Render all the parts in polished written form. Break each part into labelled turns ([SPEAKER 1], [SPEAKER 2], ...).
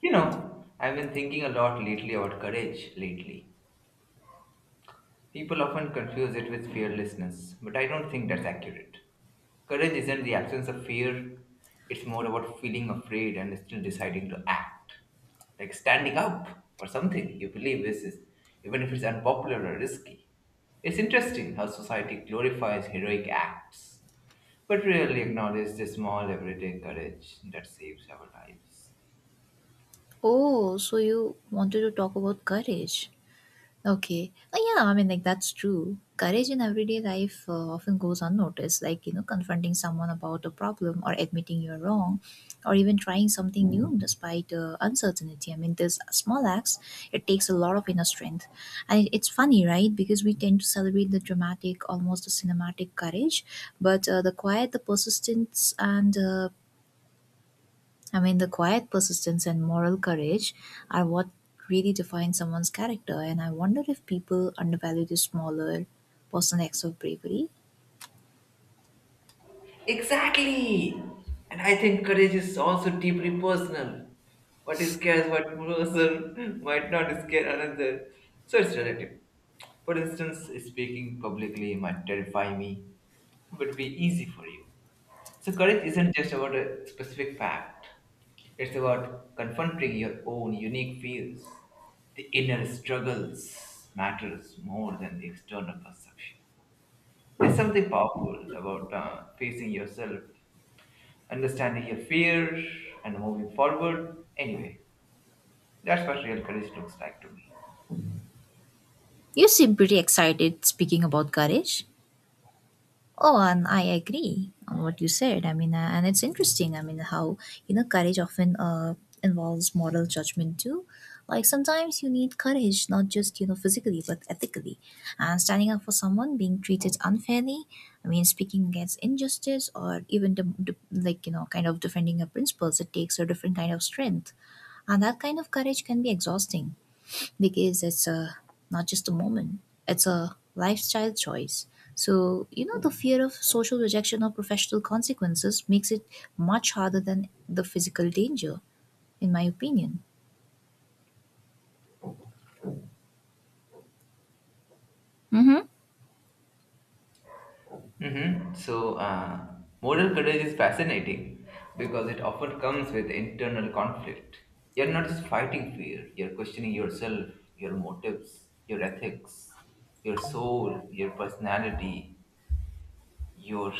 [SPEAKER 1] You know, I've been thinking a lot lately about courage lately. People often confuse it with fearlessness, but I don't think that's accurate. Courage isn't the absence of fear, it's more about feeling afraid and still deciding to act. Like standing up for something you believe is, even if it's unpopular or risky. It's interesting how society glorifies heroic acts, but rarely acknowledges the small everyday courage that saves our lives.
[SPEAKER 2] Oh, so you wanted to talk about courage. Okay. Yeah, that's true. Courage in everyday life often goes unnoticed, like, you know, confronting someone about a problem or admitting you're wrong or even trying something new despite uncertainty. I mean, these small acts, it takes a lot of inner strength. And it's funny, right? Because we tend to celebrate the dramatic, almost the cinematic courage, but the quiet, the persistence, and I mean, the quiet persistence and moral courage are what really define someone's character, and I wonder if people undervalue the smaller personal acts of bravery.
[SPEAKER 1] Exactly. And I think courage is also deeply personal. What scares one person might not scare another. So it's relative. For instance, speaking publicly might terrify me, but be easy for you. So courage isn't just about a specific fact. It's about confronting your own unique fears. The inner struggles matters more than the external perception. There's something powerful about facing yourself, understanding your fear and moving forward. Anyway, that's what real courage looks like to me.
[SPEAKER 2] You seem pretty excited speaking about courage. Oh, and I agree on what you said. And it's interesting. I mean, how you know courage often involves moral judgment too. Like sometimes you need courage, not just you know physically, but ethically, and standing up for someone being treated unfairly. I mean, speaking against injustice, or even like you know, kind of defending your principles. It takes a different kind of strength, and that kind of courage can be exhausting because it's a not just a moment, it's a lifestyle choice. So you know the fear of social rejection or professional consequences makes it much harder than the physical danger, in my opinion. Mm-hmm.
[SPEAKER 1] Mm-hmm. So, moral courage is fascinating because it often comes with internal conflict. You're not just fighting fear, you're questioning yourself, your motives, your ethics, your soul, your personality, your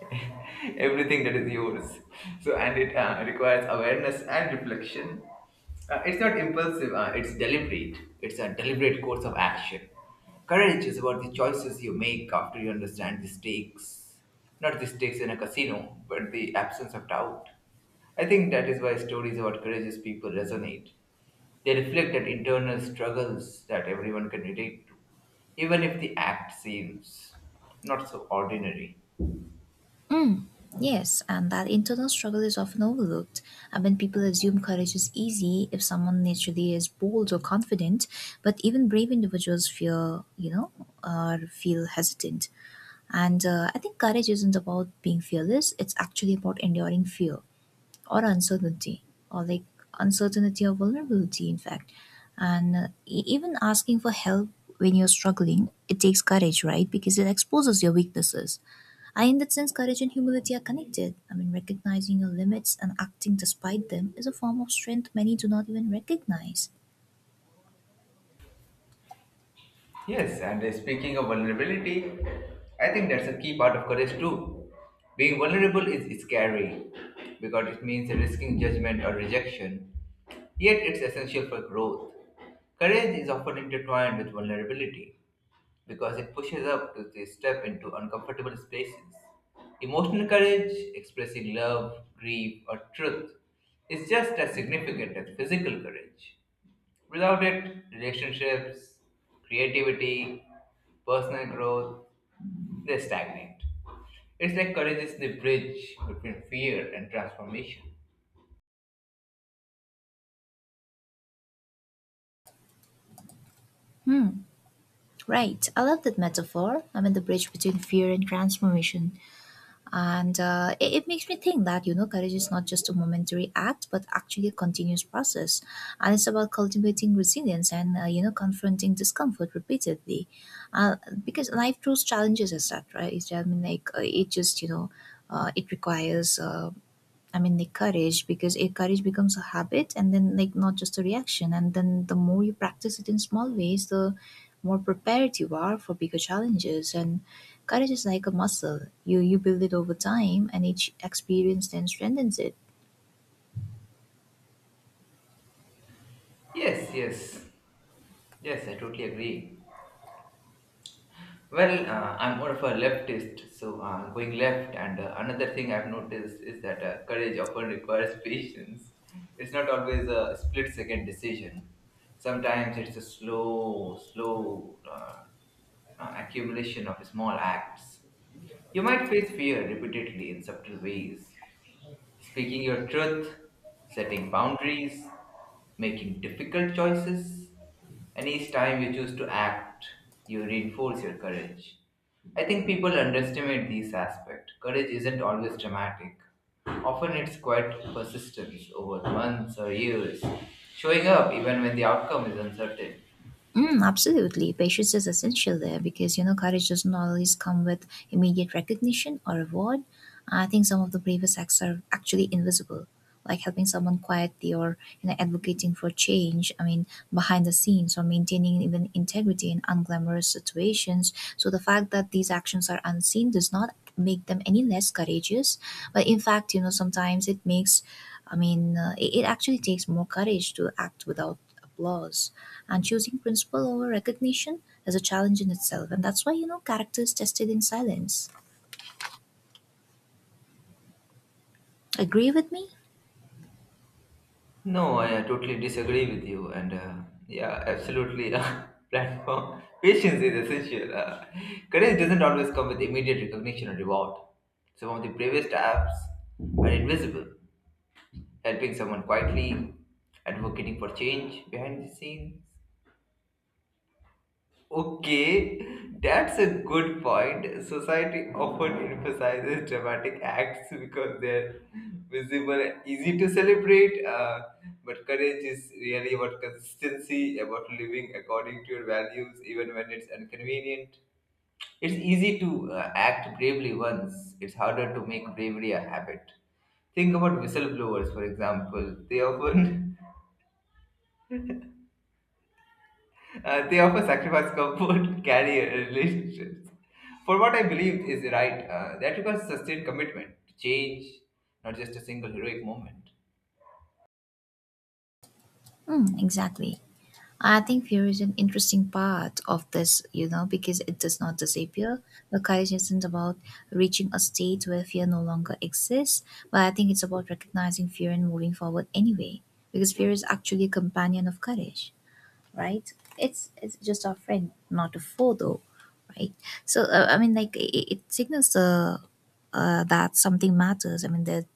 [SPEAKER 1] everything that is yours. So and it uh, requires awareness and reflection. It's not impulsive, it's deliberate. It's a deliberate course of action. Courage is about the choices you make after you understand the stakes, not the stakes in a casino, but the absence of doubt. I think that is why stories about courageous people resonate. They reflect that internal struggles that everyone can relate to, even if the act seems not so ordinary.
[SPEAKER 2] Mm. Yes, and that internal struggle is often overlooked. I mean, people assume courage is easy if someone naturally is bold or confident, but even brave individuals fear, you know, or feel hesitant. And I think courage isn't about being fearless, it's actually about enduring fear or uncertainty, or like uncertainty or vulnerability, in fact. And even asking for help when you're struggling, it takes courage, right? Because it exposes your weaknesses. I, in that sense, courage and humility are connected. I mean, recognizing your limits and acting despite them is a form of strength many do not even recognize.
[SPEAKER 1] Yes, and speaking of vulnerability, I think that's a key part of courage too. Being vulnerable is scary because it means risking judgment or rejection, yet it's essential for growth. Courage is often intertwined with vulnerability because it pushes up to the step into uncomfortable spaces. Emotional courage, expressing love, grief, or truth, is just as significant as physical courage. Without it, relationships, creativity, personal growth, they stagnate. It's like courage is the bridge between fear and transformation.
[SPEAKER 2] Hmm, right. I love that metaphor. I mean, the bridge between fear and transformation. And it makes me think that you know courage is not just a momentary act but actually a continuous process, and it's about cultivating resilience and you know confronting discomfort repeatedly. uh, because life throws challenges as that, right? It's, I mean like it just you know it requires I mean, like courage, because a courage becomes a habit and then, not just a reaction. And then the more you practice it in small ways, the more prepared you are for bigger challenges. And courage is like a muscle. You build it over time, and each experience then strengthens it.
[SPEAKER 1] Yes, yes, yes, I totally agree. Well, I'm more of a leftist, so going left. And another thing I've noticed is that courage often requires patience. It's not always a split second decision. Sometimes it's a slow accumulation of small acts. You might face fear repeatedly in subtle ways, speaking your truth, setting boundaries, making difficult choices, and each time you choose to act, you reinforce your courage. I think people underestimate these aspects. Courage isn't always dramatic. Often it's quite persistence over months or years, showing up even when the outcome is uncertain.
[SPEAKER 2] Mm, absolutely. Patience is essential there because, you know, courage doesn't always come with immediate recognition or reward. I think some of the bravest acts are actually invisible, like helping someone quietly or, you know, advocating for change. I mean, behind the scenes or maintaining even integrity in unglamorous situations. So the fact that these actions are unseen does not make them any less courageous. But in fact, you know, sometimes it makes, I mean, it, it actually takes more courage to act without applause. And choosing principle over recognition is a challenge in itself. And that's why, you know, character is tested in silence. Agree with me?
[SPEAKER 1] No, I totally disagree with you, and yeah, absolutely. Platform patience is essential. Courage doesn't always come with immediate recognition or reward. Some of the bravest apps are invisible, helping someone quietly, advocating for change behind the scenes. Okay, that's a good point. Society often emphasizes dramatic acts because they're visible and easy to celebrate. But courage is really about consistency, about living according to your values, even when it's inconvenient. It's easy to act bravely once, it's harder to make bravery a habit. Think about whistleblowers, for example. They often they often sacrifice comfort, career, and relationships for what I believe is right. That requires sustained commitment to change, not just a single heroic moment.
[SPEAKER 2] Hmm, exactly. I think fear is an interesting part of this, you know, because it does not disappear. The courage isn't about reaching a state where fear no longer exists, but I think it's about recognizing fear and moving forward anyway, because fear is actually a companion of courage, right? It's just a friend, not a foe, though, right? So it signals the that something matters. I mean, that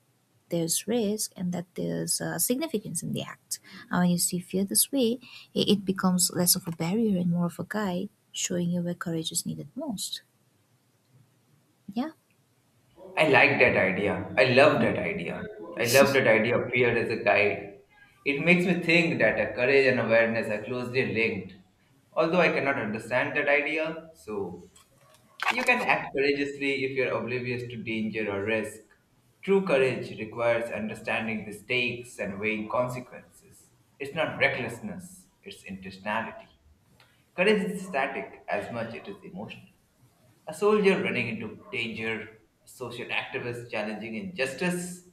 [SPEAKER 2] there's risk and that there's significance in the act. And when you see fear this way, it becomes less of a barrier and more of a guide, showing you where courage is needed most. Yeah.
[SPEAKER 1] I like that idea. I love that idea. I love that idea of fear as a guide. It makes me think that courage and awareness are closely linked. Although I cannot understand that idea, so you can act courageously if you're oblivious to danger or risk. True courage requires understanding the stakes and weighing consequences. It's not recklessness, it's intentionality. Courage is static as much it is emotional. A soldier running into danger, a social activist challenging injustice,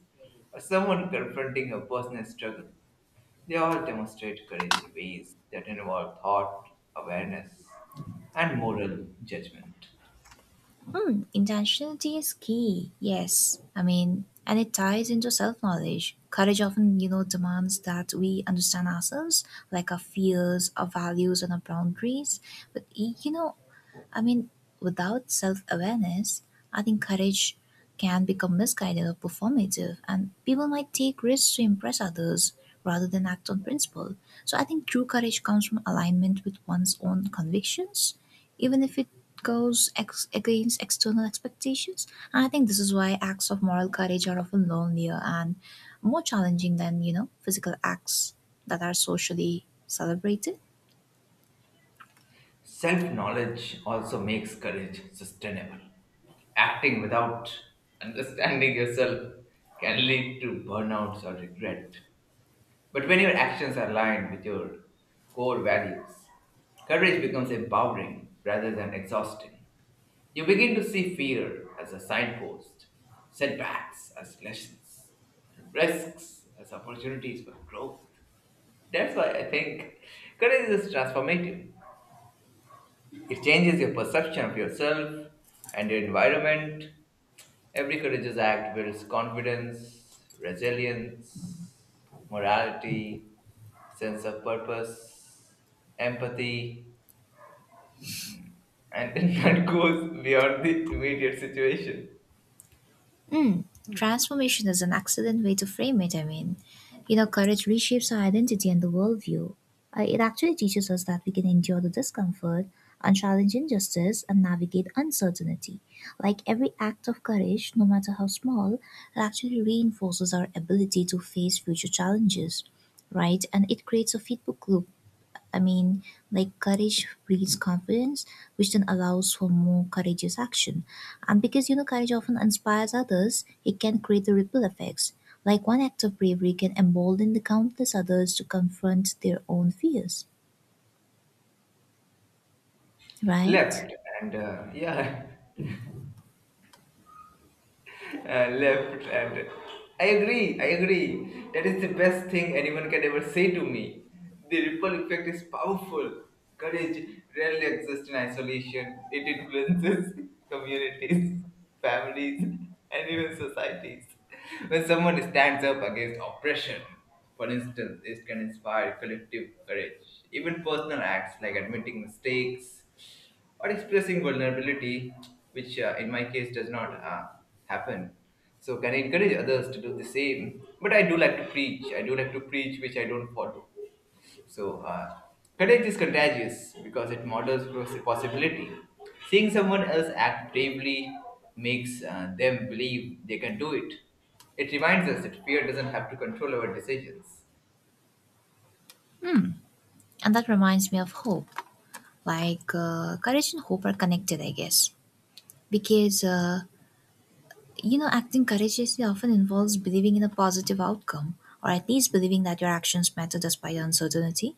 [SPEAKER 1] or someone confronting a personal struggle. They all demonstrate courage in ways that involve thought, awareness, and moral judgment.
[SPEAKER 2] Hmm, intentionality is key. Yes. I mean, and it ties into self knowledge. Courage often, you know, demands that we understand ourselves, like our fears, our values, and our boundaries. But, I mean, without self awareness, I think courage can become misguided or performative, and people might take risks to impress others rather than act on principle. So I think true courage comes from alignment with one's own convictions, even if it goes against external expectations. And I think this is why acts of moral courage are often lonelier and more challenging than, you know, physical acts that are socially celebrated.
[SPEAKER 1] Self knowledge also makes courage sustainable. Acting without understanding yourself can lead to burnouts or regret. But when your actions are aligned with your core values, courage becomes empowering rather than exhausting. You begin to see fear as a signpost, setbacks as lessons, and risks as opportunities for growth. That's why I think courage is transformative. It changes your perception of yourself and your environment. Every courageous act builds confidence, resilience, morality, sense of purpose, empathy, and that goes beyond the immediate situation.
[SPEAKER 2] Mm, transformation is an excellent way to frame it, I mean. You know, courage reshapes our identity and the worldview. It actually teaches us that we can endure the discomfort and challenge injustice and navigate uncertainty. Like every act of courage, no matter how small, it actually reinforces our ability to face future challenges, right? And it creates a feedback loop. I mean, like courage breeds confidence, which then allows for more courageous action. And because you know courage often inspires others, it can create the ripple effects. Like one act of bravery can embolden the countless others to confront their own fears, right?
[SPEAKER 1] Left and yeah. Left and I agree, that is the best thing anyone can ever say to me. The ripple effect is powerful. Courage rarely exists in isolation. It influences communities, families, and even societies. When someone stands up against oppression, for instance, it can inspire collective courage, even personal acts like admitting mistakes or expressing vulnerability, which in my case does not happen. So can I encourage others to do the same? But I do like to preach. I do like to preach, which I don't follow. So courage is contagious because it models possibility. Seeing someone else act bravely makes them believe they can do it. It reminds us that fear doesn't have to control our decisions.
[SPEAKER 2] And that reminds me of hope. Like courage and hope are connected, I guess, because you know acting courageously often involves believing in a positive outcome, or at least believing that your actions matter despite uncertainty.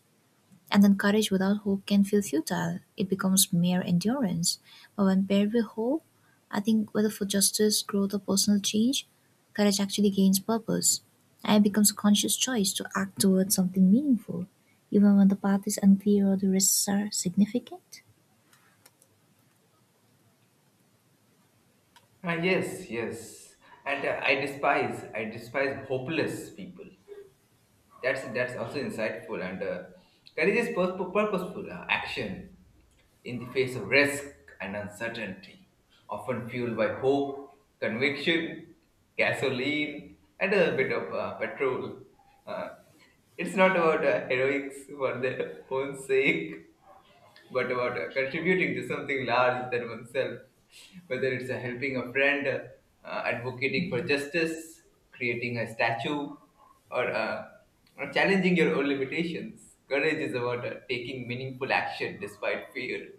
[SPEAKER 2] And then courage without hope can feel futile. It becomes mere endurance. But when paired with hope, I think whether for justice, growth, or personal change, courage actually gains purpose. And it becomes a conscious choice to act towards something meaningful, even when the path is unclear or the risks are significant.
[SPEAKER 1] Ah, yes, yes. And I despise hopeless people. That's also insightful, and courage is purposeful action in the face of risk and uncertainty, often fueled by hope, conviction, gasoline, and a bit of petrol. Uh, it's not about heroics for their own sake, but about contributing to something large than oneself, whether it's helping a friend, advocating for justice, creating a statue, or or challenging your own limitations. Courage is about taking meaningful action despite fear.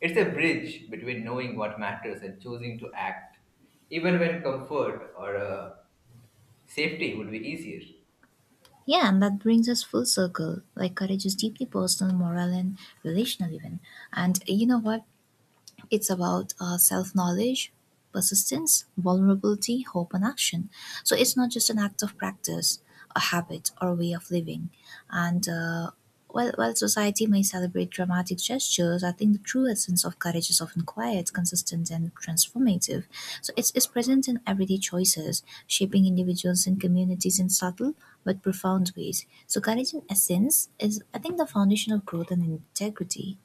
[SPEAKER 1] It's a bridge between knowing what matters and choosing to act, even when comfort or safety would be easier.
[SPEAKER 2] Yeah, and that brings us full circle. Like courage is deeply personal, moral, and relational, even. And you know what? It's about self knowledge, persistence, vulnerability, hope, and action. So it's not just an act of practice, a habit, or a way of living. And while society may celebrate dramatic gestures, I think the true essence of courage is often quiet, consistent, and transformative. So it's present in everyday choices, shaping individuals and communities in subtle but profound ways. So courage, in essence, is, I think, the foundation of growth and integrity.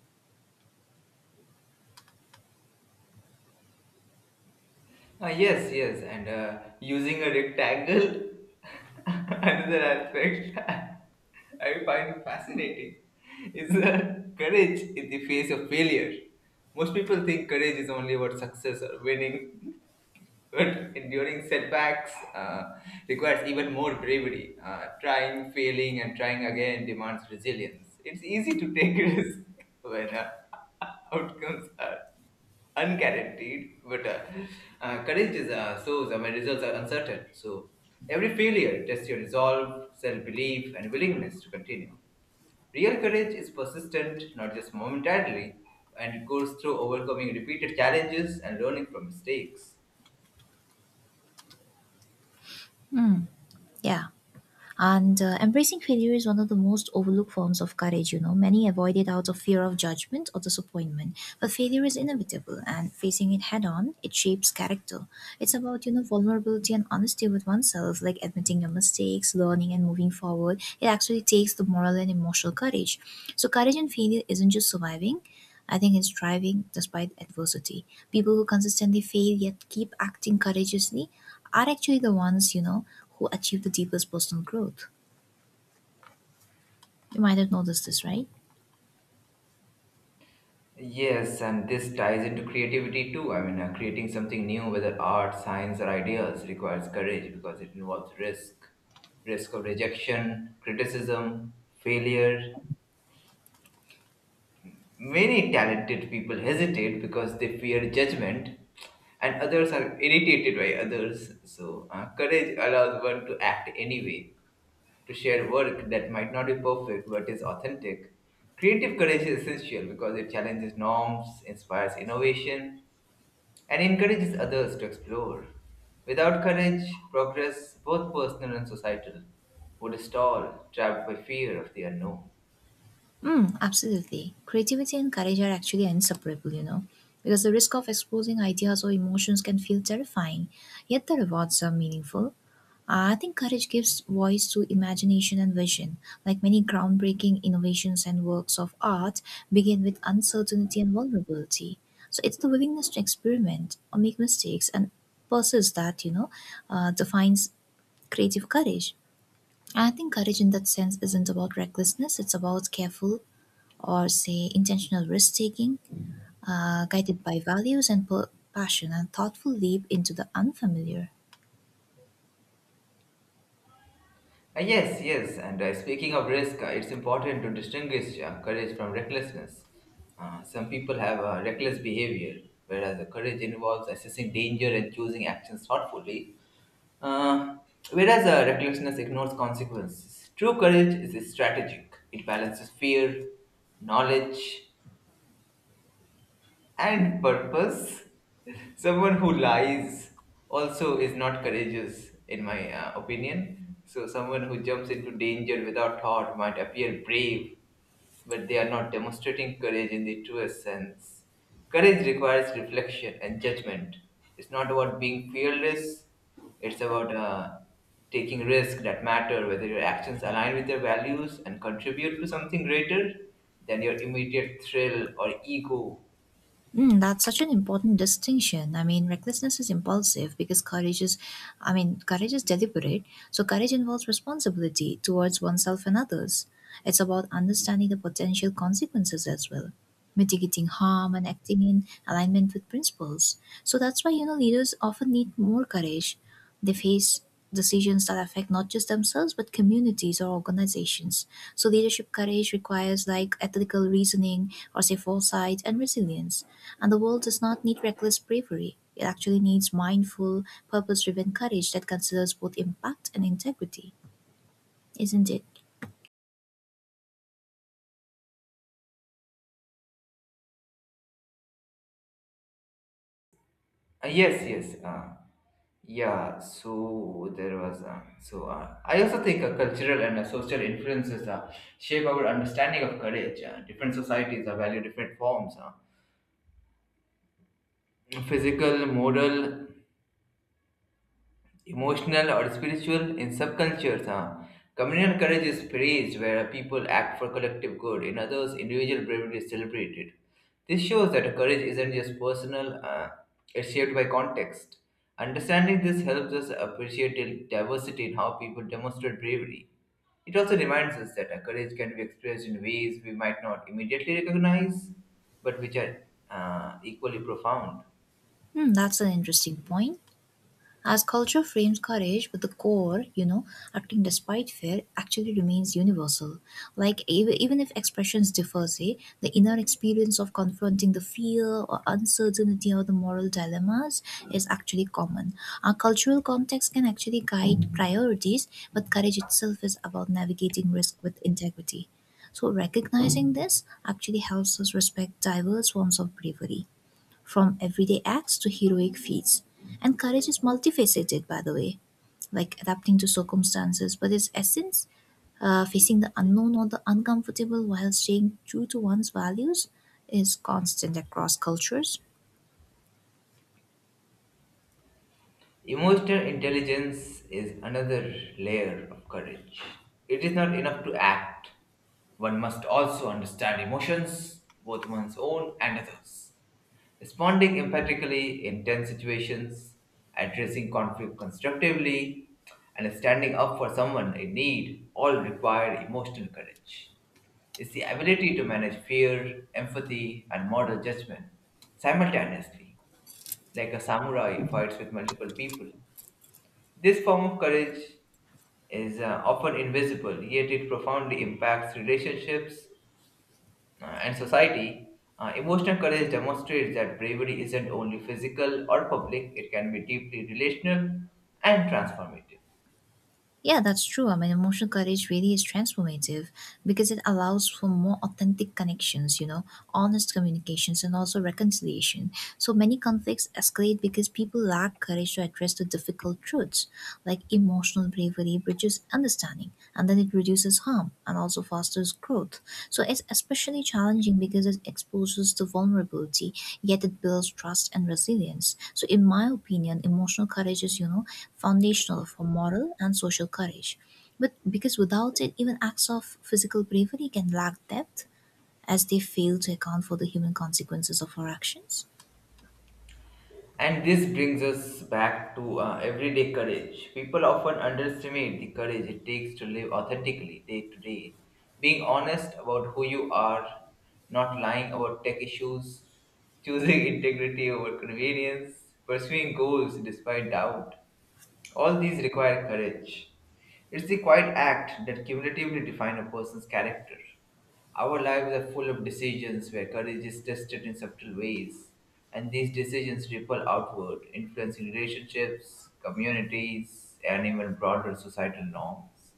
[SPEAKER 1] Yes, yes, and using a rectangle, another aspect I find fascinating is courage in the face of failure. Most people think courage is only about success or winning, but enduring setbacks requires even more bravery. Trying, failing, and trying again demands resilience. It's easy to take risks when outcomes are unguaranteed, but courage is so when results are uncertain. So every failure tests your resolve, self-belief, and willingness to continue. Real courage is persistent, not just momentarily, and it goes through overcoming repeated challenges and learning from mistakes.
[SPEAKER 2] Yeah. And embracing failure is one of the most overlooked forms of courage. You know, many avoid it out of fear of judgment or disappointment. But failure is inevitable, and facing it head on, it shapes character. It's about you know vulnerability and honesty with oneself, like admitting your mistakes, learning, and moving forward. It actually takes the moral and emotional courage. So, courage in failure isn't just surviving. I think it's thriving despite adversity. People who consistently fail yet keep acting courageously are actually the ones, you know, who achieve the deepest personal growth. You might have noticed this, right?
[SPEAKER 1] Yes, and this ties into creativity too. I mean, creating something new, whether art, science, or ideas, requires courage because it involves risk, risk of rejection, criticism, failure. Many talented people hesitate because they fear judgment, and others are irritated by others. So, courage allows one to act anyway, to share work that might not be perfect but is authentic. Creative courage is essential because it challenges norms, inspires innovation and encourages others to explore. Without courage, progress, both personal and societal, would stall, trapped by fear of the unknown.
[SPEAKER 2] Mm, absolutely. Creativity and courage are actually inseparable, you know, because the risk of exposing ideas or emotions can feel terrifying, yet the rewards are meaningful. I think courage gives voice to imagination and vision. Like many groundbreaking innovations and works of art begin with uncertainty and vulnerability. So it's the willingness to experiment or make mistakes and persist that, you know, defines creative courage. I think courage in that sense isn't about recklessness, it's about careful or, say, intentional risk taking, guided by values and passion, and thoughtful leap into the unfamiliar.
[SPEAKER 1] Ah, yes, yes, and speaking of risk, it's important to distinguish courage from recklessness. Some people have reckless behavior, whereas courage involves assessing danger and choosing actions thoughtfully, uh, whereas recklessness ignores consequences. True courage is strategic, it balances fear, knowledge, and purpose. Someone who lies also is not courageous, in my opinion. So, someone who jumps into danger without thought might appear brave, but they are not demonstrating courage in the truest sense. Courage requires reflection and judgment. It's not about being fearless, it's about taking risks that matter, whether your actions align with your values and contribute to something greater than your immediate thrill or ego.
[SPEAKER 2] Mm, that's such an important distinction. I mean, recklessness is impulsive because courage is, courage is deliberate. So, courage involves responsibility towards oneself and others. It's about understanding the potential consequences as well, mitigating harm and acting in alignment with principles. So, that's why, you know, leaders often need more courage. They face decisions that affect not just themselves, but communities or organizations. So, leadership courage requires like ethical reasoning or say foresight and resilience. And the world does not need reckless bravery. It actually needs mindful, purpose driven courage that considers both impact and integrity, isn't it?
[SPEAKER 1] Yes, yes. Yeah, so there was. So I also think cultural and social influences shape our understanding of courage. Different societies value different forms. Physical, moral, emotional or spiritual in some cultures, huh? Communal courage is praised where people act for collective good, in others individual bravery is celebrated. This shows that courage isn't just personal, it's shaped by context. Understanding this helps us appreciate the diversity in how people demonstrate bravery. It also reminds us that our courage can be expressed in ways we might not immediately recognize, but which are equally profound.
[SPEAKER 2] Hmm, that's an interesting point. As culture frames courage, but the core, you know, acting despite fear actually remains universal. Like even if expressions differ, say the inner experience of confronting the fear or uncertainty or the moral dilemmas is actually common. Our cultural context can actually guide priorities, but courage itself is about navigating risk with integrity. So recognizing this actually helps us respect diverse forms of bravery from everyday acts to heroic feats. And courage is multifaceted, by the way, like adapting to circumstances, but its essence, facing the unknown or the uncomfortable while staying true to one's values, is constant across cultures.
[SPEAKER 1] Emotional intelligence is another layer of courage. It is not enough to act. One must also understand emotions, both one's own and others. Responding empathically in tense situations, addressing conflict constructively, and standing up for someone in need all require emotional courage. It's the ability to manage fear, empathy, and moral judgment simultaneously, like a samurai fights with multiple people. This form of courage is often invisible, yet it profoundly impacts relationships and society. Emotional courage demonstrates that bravery isn't only physical or public, it can be deeply relational and transformative.
[SPEAKER 2] Yeah, that's true. I mean, emotional courage really is transformative because it allows for more authentic connections, you know, honest communications, and also reconciliation. So many conflicts escalate because people lack courage to address the difficult truths, like emotional bravery, teaches understanding and then it reduces harm and also fosters growth. So it's especially challenging because it exposes to vulnerability, yet it builds trust and resilience. So in my opinion, emotional courage is, you know, foundational for moral and social courage. But because without it, even acts of physical bravery can lack depth as they fail to account for the human consequences of our actions.
[SPEAKER 1] And this brings us back to everyday courage. People often underestimate the courage it takes to live authentically day to day. Being honest about who you are, not lying about tech issues, choosing integrity over convenience, pursuing goals despite doubt. All these require courage. It's the quiet act that cumulatively define a person's character. Our lives are full of decisions where courage is tested in subtle ways, and these decisions ripple outward, influencing relationships, communities, and even broader societal norms.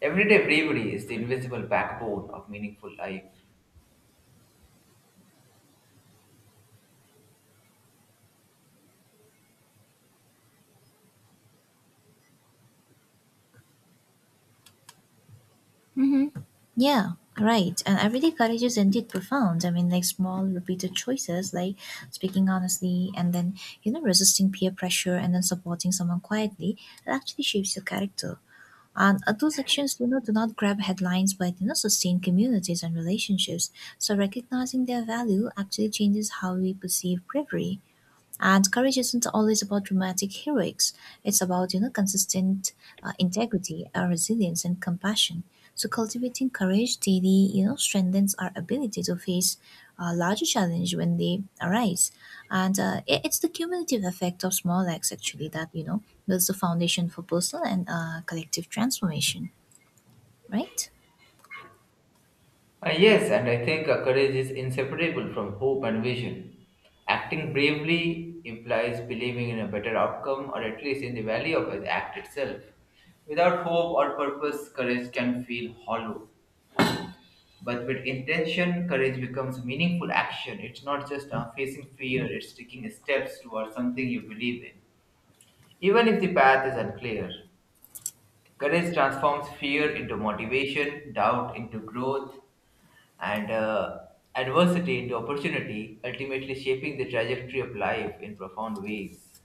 [SPEAKER 1] Everyday bravery is the invisible backbone of meaningful life.
[SPEAKER 2] Yeah, right. And everyday courage is indeed profound. I mean, like small, repeated choices, like speaking honestly and then, you know, resisting peer pressure and then supporting someone quietly, it actually shapes your character. And those actions, you know, do not grab headlines, but, you know, sustain communities and relationships. So recognizing their value actually changes how we perceive bravery. And courage isn't always about dramatic heroics. It's about you know consistent integrity, resilience, and compassion. So cultivating courage daily, you know, strengthens our ability to face larger challenge when they arise. And it's the cumulative effect of small acts actually that you know builds the foundation for personal and collective transformation. Right.
[SPEAKER 1] Yes, and I think courage is inseparable from hope and vision. Acting bravely implies believing in a better outcome or at least in the value of the act itself. Without hope or purpose, courage can feel hollow. But with intention, courage becomes meaningful action. It's not just facing fear, it's taking steps towards something you believe in. Even if the path is unclear, courage transforms fear into motivation, doubt into growth, and adversity into opportunity, ultimately shaping the trajectory of life in profound ways.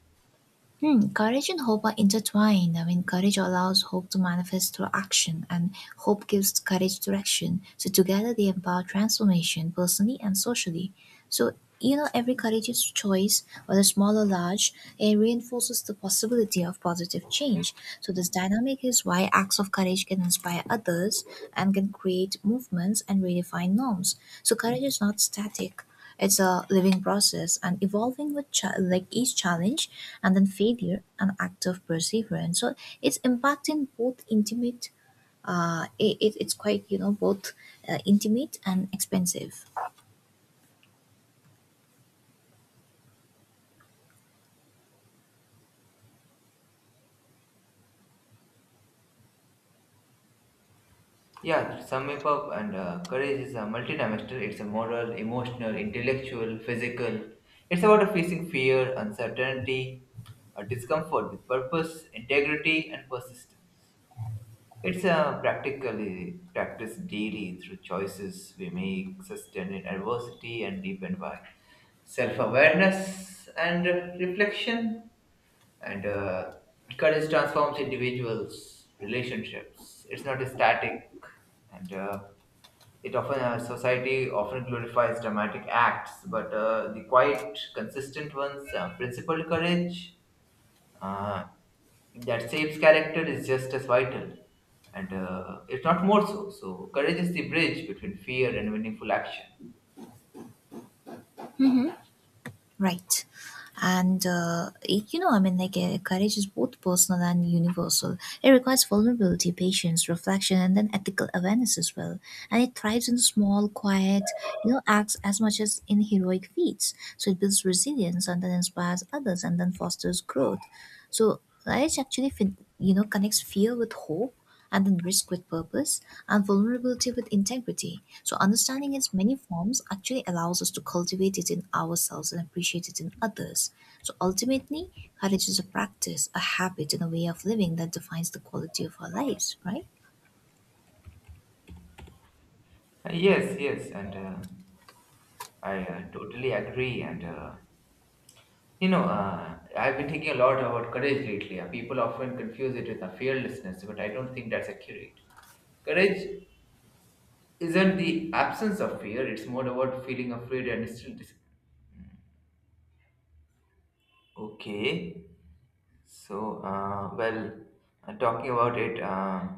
[SPEAKER 2] Hmm, courage and hope are intertwined. I mean, courage allows hope to manifest through action, and hope gives courage direction. So, together they empower transformation personally and socially. So, you know, every courageous choice, whether small or large, it reinforces the possibility of positive change. So, this dynamic is why acts of courage can inspire others and can create movements and redefine norms. So, courage is not static, it's a living process and evolving with like each challenge and then failure an act of perseverance. So it's impacting both intimate, it's quite you know both intimate and expensive.
[SPEAKER 1] Yeah, to sum it up, and courage is a multidimensional. It's a moral, emotional, intellectual, physical. It's about facing fear, uncertainty, or discomfort with purpose, integrity, and persistence. It's a practically practiced daily through choices we make, sustained in adversity, and deepened by self awareness and reflection. And courage transforms individuals relationships. It's not static, and it often society often glorifies dramatic acts, but the quiet consistent ones, principled courage, uh, that shapes character is just as vital, and if not more so. So courage is the bridge between fear and meaningful action.
[SPEAKER 2] Right. And, it- you know, I mean, like, Courage is both personal and universal. It requires vulnerability, patience, reflection, and then ethical awareness as well. And it thrives in small, quiet, you know, acts as much as in heroic feats. So it builds resilience and then inspires others and then fosters growth. So courage actually, you know, connects fear with hope and then risk with purpose, and vulnerability with integrity. So, understanding its many forms actually allows us to cultivate it in ourselves and appreciate it in others. So, ultimately, courage is a practice, a habit, and a way of living that defines the quality of our lives, right?
[SPEAKER 1] Yes, yes, and I totally agree. And you know, I've been thinking a lot about courage lately. People often confuse it with a fearlessness, but I don't think that's accurate. Courage isn't the absence of fear, it's more about feeling afraid and still. Okay, so, well, talking about it,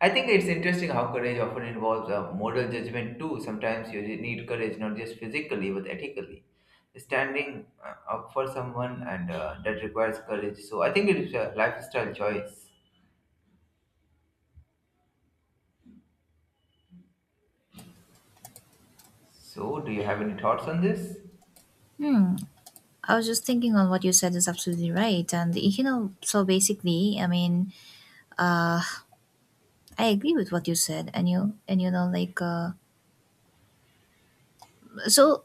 [SPEAKER 1] I think it's interesting how courage often involves a moral judgment too. Sometimes you need courage not just physically but ethically. Standing up for someone, and that requires courage. So I think it's a lifestyle choice. So, do you have any thoughts on this?
[SPEAKER 2] Hmm. I was just thinking on what you said is absolutely right, and you know, so basically, I mean, uh, I agree with what you said, and you know, so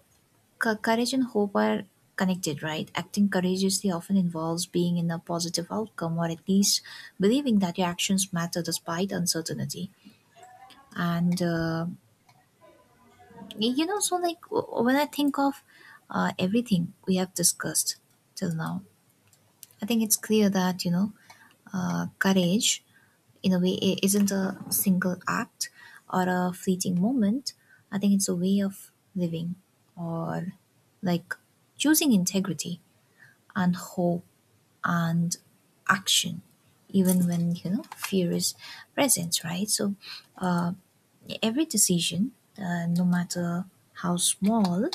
[SPEAKER 2] Courage and hope are connected, right? Acting courageously often involves being in a positive outcome or at least believing that your actions matter despite uncertainty. And, uh, you know, so like when I think of everything we have discussed till now, I think it's clear that, you know, courage in a way is isn't a single act or a fleeting moment. I think it's a way of living, or like choosing integrity and hope and action, even when you know fear is present, right? So uh, every decision, no matter how small,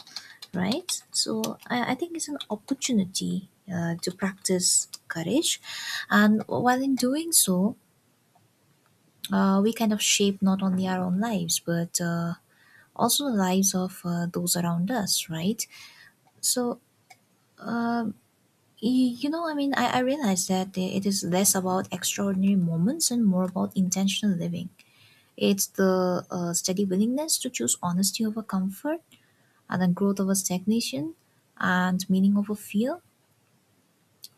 [SPEAKER 2] right? So I think it's an opportunity to practice courage, and while in doing so, we kind of shape not only our own lives but also the lives of those around us, right? So uh, Y- you know, I mean, I realize that it is less about extraordinary moments and more about intentional living. It's the steady willingness to choose honesty over comfort and then growth over stagnation and meaning over fear.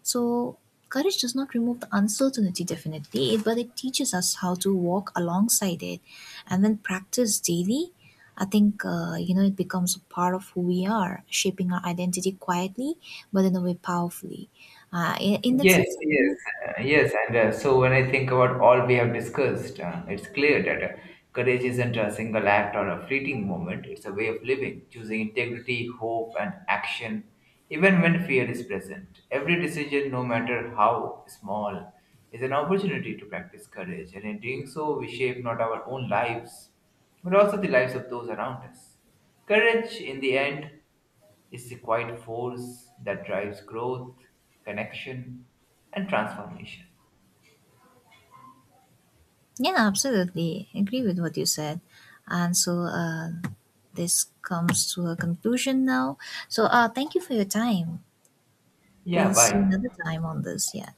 [SPEAKER 2] So, courage does not remove the uncertainty, definitely, but it teaches us how to walk alongside it. And when practiced daily, I think, you know, it becomes a part of who we are, shaping our identity quietly, but in a way powerfully. In that
[SPEAKER 1] Yes,
[SPEAKER 2] sense,
[SPEAKER 1] yes, yes. And so, when I think about all we have discussed, it's clear that courage isn't a single act or a fleeting moment, it's a way of living, choosing integrity, hope, and action, even when fear is present. Every decision, no matter how small, is an opportunity to practice courage, and in doing so, we shape not our own lives, but also the lives of those around us. Courage, in the end, it's the quiet force that drives growth, connection, and transformation.
[SPEAKER 2] yeah, absolutely. I agree with what you said. And so, this comes to a conclusion now. So, thank you for your time. We'll
[SPEAKER 1] Yeah,
[SPEAKER 2] see you another
[SPEAKER 1] bye.
[SPEAKER 2] time on this. Yeah.